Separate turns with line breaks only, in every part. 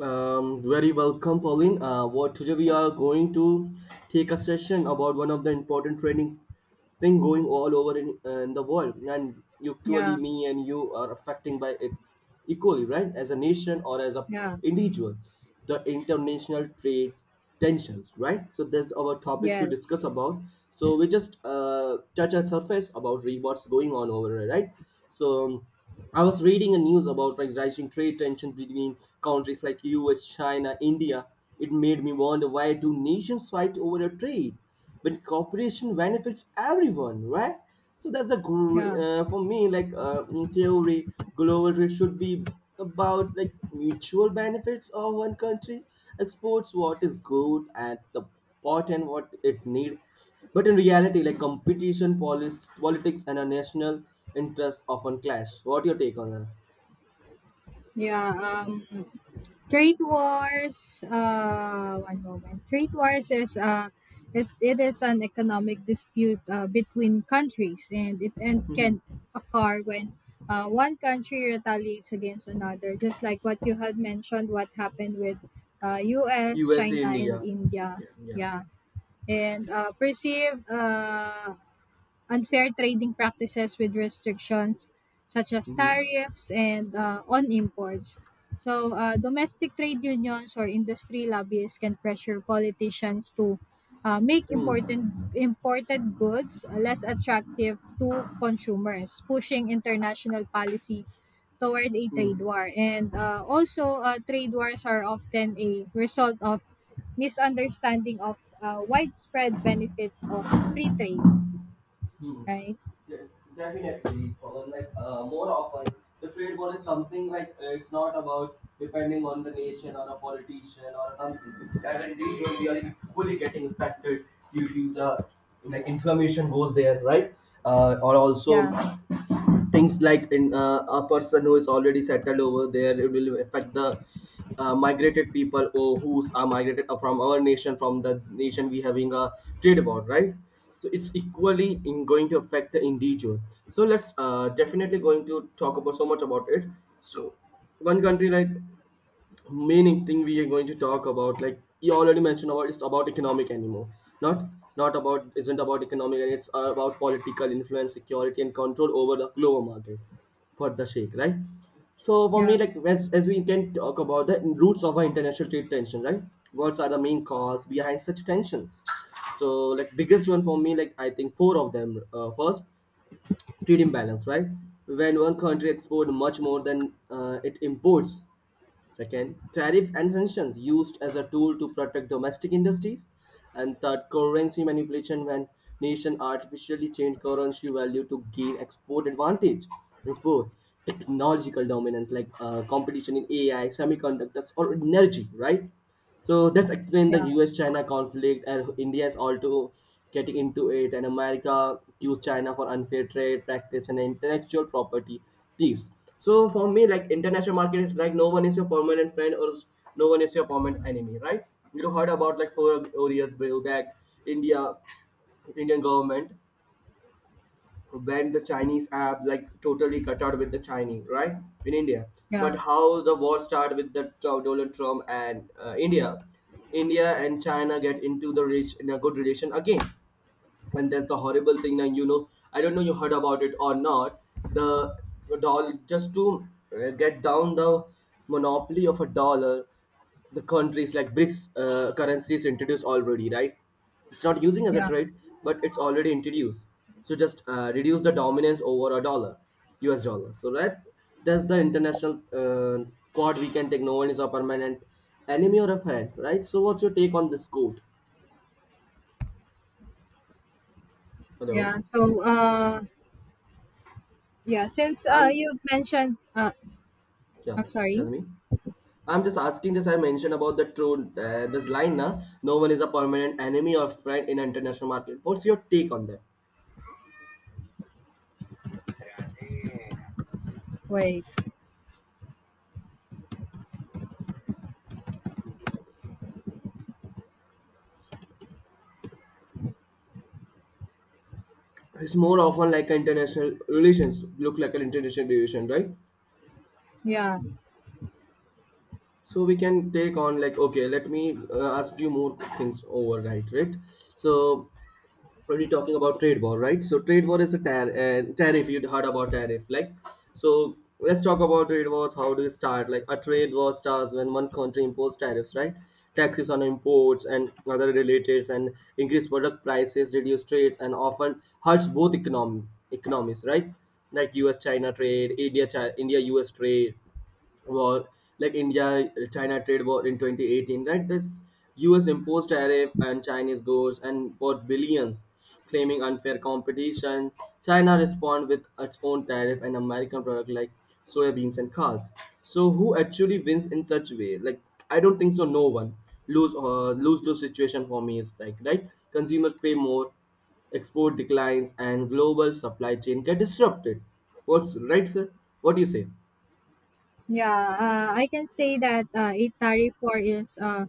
Very welcome, Pauline. What today we are going to take a session about one of the important training thing going all over in the world, and equally
Yeah,
me and you are affecting by it equally, right? As a nation or as a
yeah,
individual, the international trade tensions, right? So that's our topic to discuss
yes,
about. So we just touch a surface about what's going on over here, right? So I was reading a news about, like, rising trade tension between countries like US, China, India. It made me wonder, why do nations fight over a trade but cooperation benefits everyone, right? So that's a
yeah,
for me, like, in theory, global trade should be about, like, mutual benefits of one country. Exports what is good and the pot and what it need, but in reality, like, competition, politics and our national interest often clash. What your take on that?
yeah. Trade wars. One moment. Trade wars is an economic dispute between countries, and can
Mhm.
occur when one country retaliates against another, just like what you had mentioned, what happened with U.S.,
USA,
China,
India.
and India.
Yeah, yeah.
Yeah, and perceived unfair trading practices with restrictions such as
Hmm.
tariffs and on imports. So, domestic trade unions or industry lobbyists can pressure politicians to make important
Hmm.
imported goods less attractive to consumers, pushing international policy toward a trade war. And also, trade wars are often a result of misunderstanding of widespread benefit of free trade,
Hmm.
right?
De- Definitely, Pawan. Like, more often, the trade war is something like, it's not about depending on the nation or a politician or a company. As an individual, we are equally getting affected due to the, like, inflammation goes there, right? Or also
Yeah,
things like in, a person who is already settled over there, it will affect the, migrated people or who are migrated from our nation, from the nation we having a trade war, right? So it's equally in going to affect the individual. So let's, definitely going to talk about so much about it. So one country like, main thing we are going to talk about, like you already mentioned about, it's about economic anymore, not, not about, isn't about economic, and it's about political influence, security and control over the global market for the shake, right? So for
yeah,
me, like, as we can talk about the roots of our international trade tension, right? What are the main cause behind such tensions? So, like, biggest one for me, like, I think four of them. Uh, first, trade imbalance, right? When one country exports much more than it imports. Second, tariff and sanctions used as a tool to protect domestic industries. And third, currency manipulation, when nation artificially change currency value to gain export advantage. And fourth, technological dominance, like, competition in AI, semiconductors, or energy, right? So that's explained the
yeah,
US-China conflict, and India is also getting into it, and America accused China for unfair trade practice and intellectual property thieves. So for me, like, international market is like, no one is your permanent friend or no one is your permanent enemy, right? You heard about, like, four years back, India, Indian government, when the Chinese app, like, totally cut out with the Chinese, right? In India.
yeah,
But how the war started with the Donald Trump and India. India and China get into the rich in a good relation again, and that's the horrible thing. And you know, I don't know, you heard about it or not, the dollar, just to get down the monopoly of a dollar, the countries like BRICS currencies introduced already, right? It's not using as a
yeah,
trade, but it's already introduced. So just reduce the dominance over a dollar, US dollar, so, right? That's the international quad we can take. No one is a permanent enemy or a friend, right? So what's your take on this quote? Hello?
yeah. Yeah, since uh,
I'm,
you mentioned, uh,
yeah,
I'm
tell
sorry,
me. I'm just asking this. I mentioned about the true this line now. No one is a permanent enemy or friend in international market. What's your take on that?
wait,
It's more often like international relations look like an international relation, right?
yeah,
So we can take on like, okay. Let me ask you more things over, right? Right. So, only talking about trade war, right? So trade war is a tariff. You'd heard about tariff, like, so. Let's talk about trade wars. How do you start? Like, a trade war starts when one country imposes tariffs, right? Taxes on imports and other relatives, and increase product prices, reduce trades, and often hurts both economy economies, right? Like U.S.-China trade, India-India-U.S. China, India U S trade, war, like India China trade war in 2018, right? This US imposed tariff on Chinese goods and for billions, claiming unfair competition. China respond with its own tariff and American product like soybeans and cars. So who actually wins in such way? Like, I don't think so. No one lose, lose lose situation for me is like, right. Consumers pay more, export declines, and global supply chain get disrupted. What's right, sir? What do you say?
yeah, I can say that a tariff war is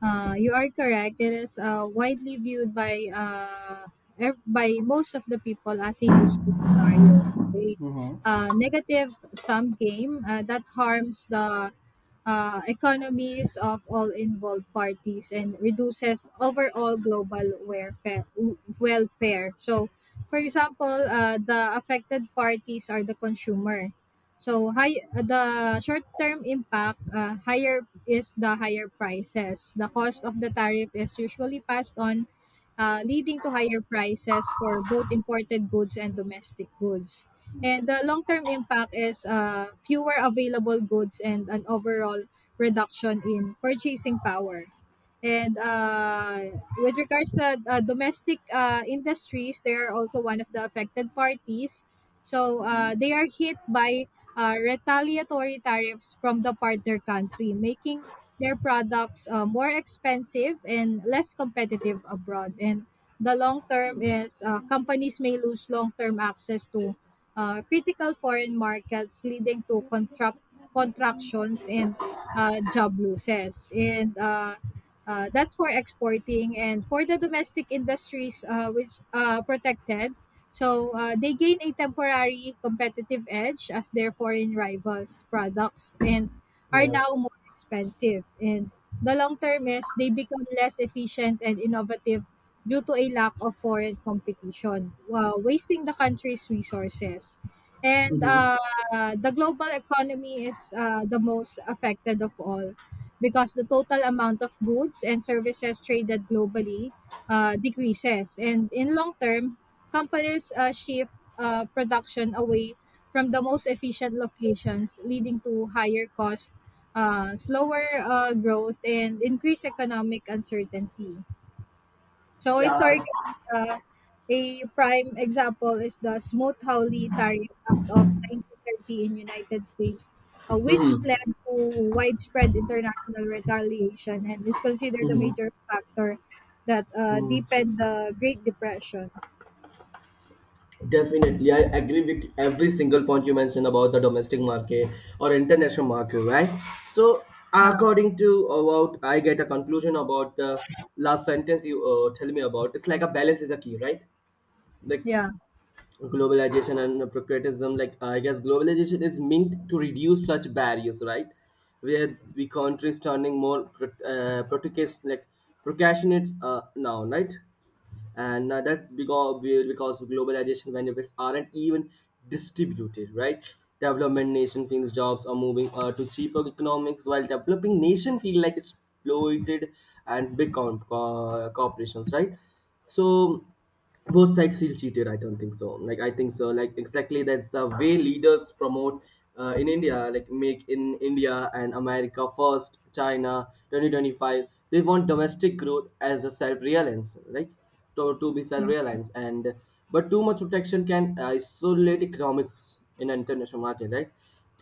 You are correct. It is widely viewed by by most of the people as a lose-lose scenario, a negative-sum game that harms the economies of all involved parties and reduces overall global welfare. So, for example, the affected parties are the consumer. Higher is the higher prices. The cost of the tariff is usually passed on, leading to higher prices for both imported goods and domestic goods. And the long-term impact is fewer available goods and an overall reduction in purchasing power. And with regards to domestic industries, they are also one of the affected parties. So they are hit by retaliatory tariffs from the partner country, making their products more expensive and less competitive abroad. And the long term is companies may lose long term access to critical foreign markets, leading to contractions and job losses. and that's for exporting. And for the domestic industries which protected. So they gain a temporary competitive edge as their foreign rivals' products and are now
Yes.
more expensive. And the long term is they become less efficient and innovative due to a lack of foreign competition, wasting the country's resources. And the global economy is the most affected of all because the total amount of goods and services traded globally decreases. And in long term, companies shift production away from the most efficient locations, leading to higher cost, slower growth, and increased economic uncertainty. So
Yeah.
historically, a prime example is the Smoot-Hawley Tariff Act of 1930 in United States, which
Mm-hmm.
led to widespread international retaliation and is considered a
Mm-hmm.
major factor that
Mm.
deepened the Great Depression.
Definitely, I agree with every single point you mentioned about the domestic market or international market, right? So,
Yeah,
according to about, I get a conclusion about the last sentence you tell me about. It's like a balance is a key, right? Like
yeah,
globalization and patriotism. Like, I guess globalization is meant to reduce such barriers, right? Where we countries turning more protectionist, like, procrastinates now, right? And that's because globalization benefits aren't even distributed, right? Development nation feels jobs are moving to cheaper economics, while developing nation feel like exploited and big corporations, right? So both sides feel cheated. I don't think so, like, I think so, like, exactly that's the way leaders promote, in India, like Make in India, and America First, China 2025. They want domestic growth as a self-reliance, right? To be self-reliance. And but too much protection can isolate economics in an international market, right?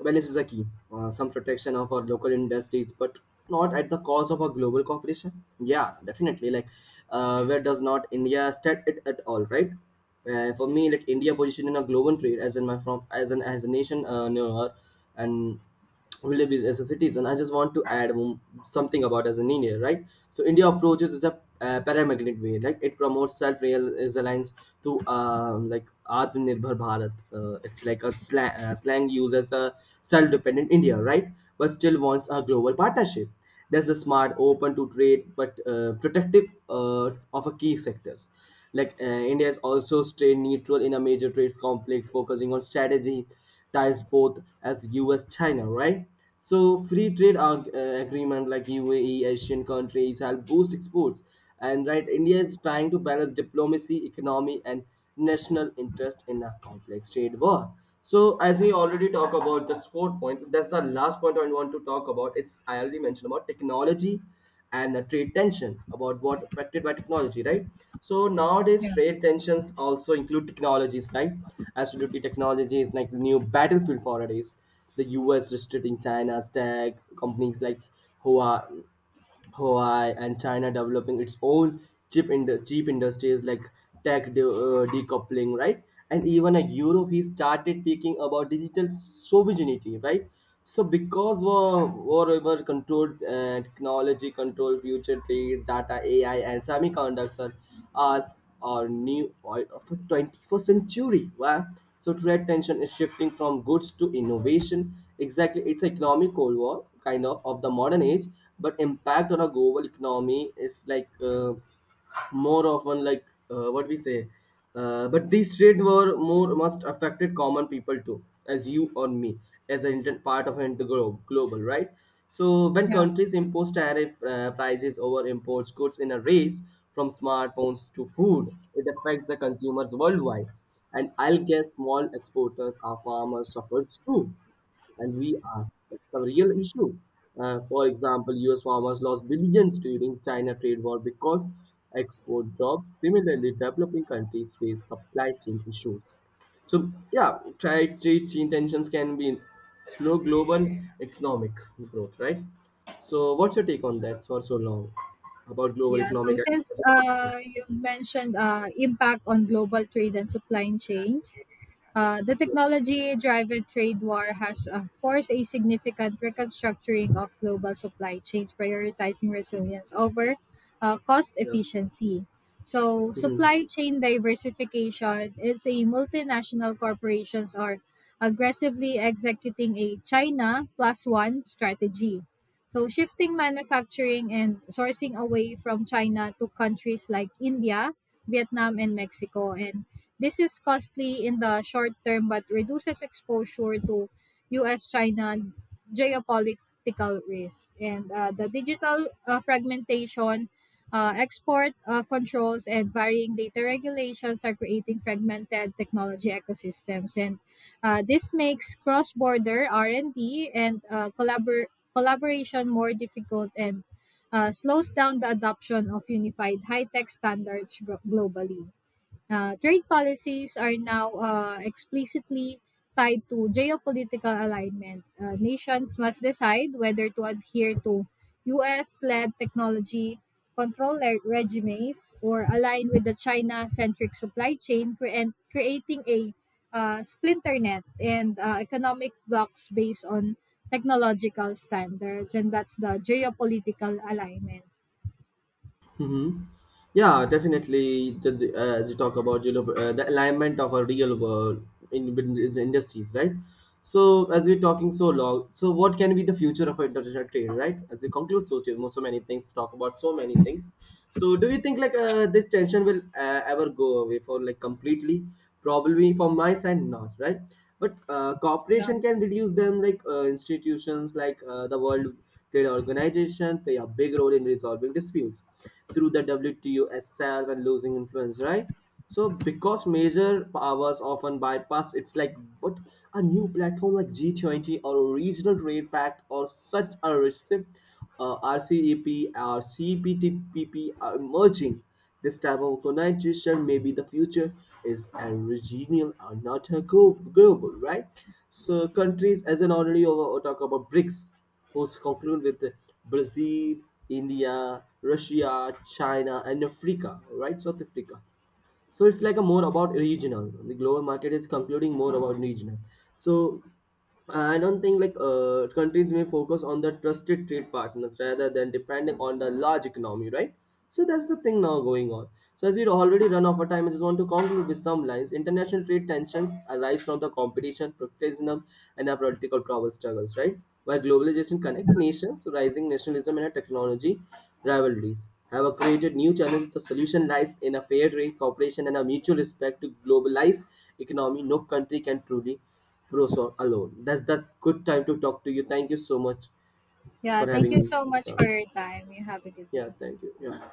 Balance is a key. Some protection of our local industries, but not at the cost of our global cooperation. Yeah, definitely. Like, where does not India stand it at all, right? For me, like, India position in a global trade as in my from as an as a nation knower, and we live as a citizen, I just want to add something about as an India, right? So India approaches is a parametric way, like it promotes self-reliance to like, atmanirbhar bharat. It's like a slang, slang used as a self-dependent India, right? But still wants a global partnership. There's a smart open to trade but protective uh, of a key sectors. Like, India is also stay neutral in a major trade conflict, focusing on strategy ties both as US China, right? So free trade agreement like UAE, Asian countries help boost exports, and, right, India is trying to balance diplomacy, economy, and national interest in a complex trade war. So as we already talk about this fourth point, that's the last point I want to talk about. It's, I already mentioned about technology and trade tension about what affected by technology, right? So nowadays
yeah,
trade tensions also include technologies, right? Absolutely, technology is like the new battlefield for nowadays. The US restricting China's tech companies like Hua, Hawaii, and China developing its own chip in cheap industries like decoupling, right? And even like Europe, he started thinking about digital sovereignty, right? So because war, whatever control and technology control future trades, data, AI, and semiconductor are our new oil of the 21st century. Wow. So trade tension is shifting from goods to innovation. Exactly, it's an economic cold war kind of the modern age, but impact on a global economy is like more often like, what we say. But these trade war more must affected common people too, as you or me, as an part of an interglobe global, right. So when
yeah.
countries impose tariff prices over imports goods in a race from smartphones to food, it affects the consumers worldwide, and I'll guess small exporters or farmers suffers too, and we are. That's the real issue. For example, US farmers lost billions during China trade war because export dropped. Similarly, developing countries face supply chain issues. So yeah, trade chain tensions can be slow global economic growth, right? So what's your take on that for so long about global
Yeah, so
economic and
since
as a person?
you mentioned impact on global trade and supply chains. The technology driven trade war has forced a significant reconstructuring of global supply chains, prioritizing resilience over cost
Yeah,
efficiency. So,
yeah.
supply chain diversification is a multinational corporations are aggressively executing a China plus one strategy. So, shifting manufacturing and sourcing away from China to countries like India, Vietnam, and Mexico, and this is costly in the short term but reduces exposure to US China geopolitical risk. And the digital fragmentation, export controls, and varying data regulations are creating fragmented technology ecosystems. And this makes cross-border R&D and D and uh, collabor- collaboration more difficult and slows down the adoption of unified high-tech standards globally. Trade policies are now explicitly tied to geopolitical alignment. Nations must decide whether to adhere to US led technology control regimes or align with the China centric supply chain, creating a splinter net and economic blocks based on technological standards. And that's the geopolitical alignment.
Mm-hmm. Yeah, definitely. As you talk about, you know, the alignment of a real world in the industries, right? So, as we're talking so long, so what can be the future of international trade, right? As we conclude so, so many things, to talk about so many things. So, do you think like this tension will ever go away for like completely? Probably from my side, not, right? But
Yeah.
cooperation can reduce them, like, institutions like the World Trade organizations play a big role in resolving disputes through the WTO itself and losing influence, right? So because major powers often bypass, it's like, but a new platform like G20 or a regional trade pact or such a RCEP or CPTPP are emerging. This type of organization may be the future is a regional or not a global, right? So countries as an already over talk about BRICS hosts conclude with Brazil, India, Russia, China, and Africa, right? South Africa. So it's like a more about regional. The global market is concluding more about regional. So I don't think like countries may focus on the trusted trade partners rather than depending on the large economy, right? So that's the thing now going on. So as we already run out of time, I just want to conclude with some lines. International trade tensions arise from the competition, protectionism, and our political power struggles, right? While globalization connect nations, rising nationalism and a technology rivalries have created new challenges. The solution lies in a fair trade, cooperation, and a mutual respect to globalized economy. No country can truly prosper alone. That's the good time to talk to you. Thank you so much
Yeah,
for
thank you
having me.
so much
Yeah,
for your time. You have a good
yeah,
day.
thank you. Yeah.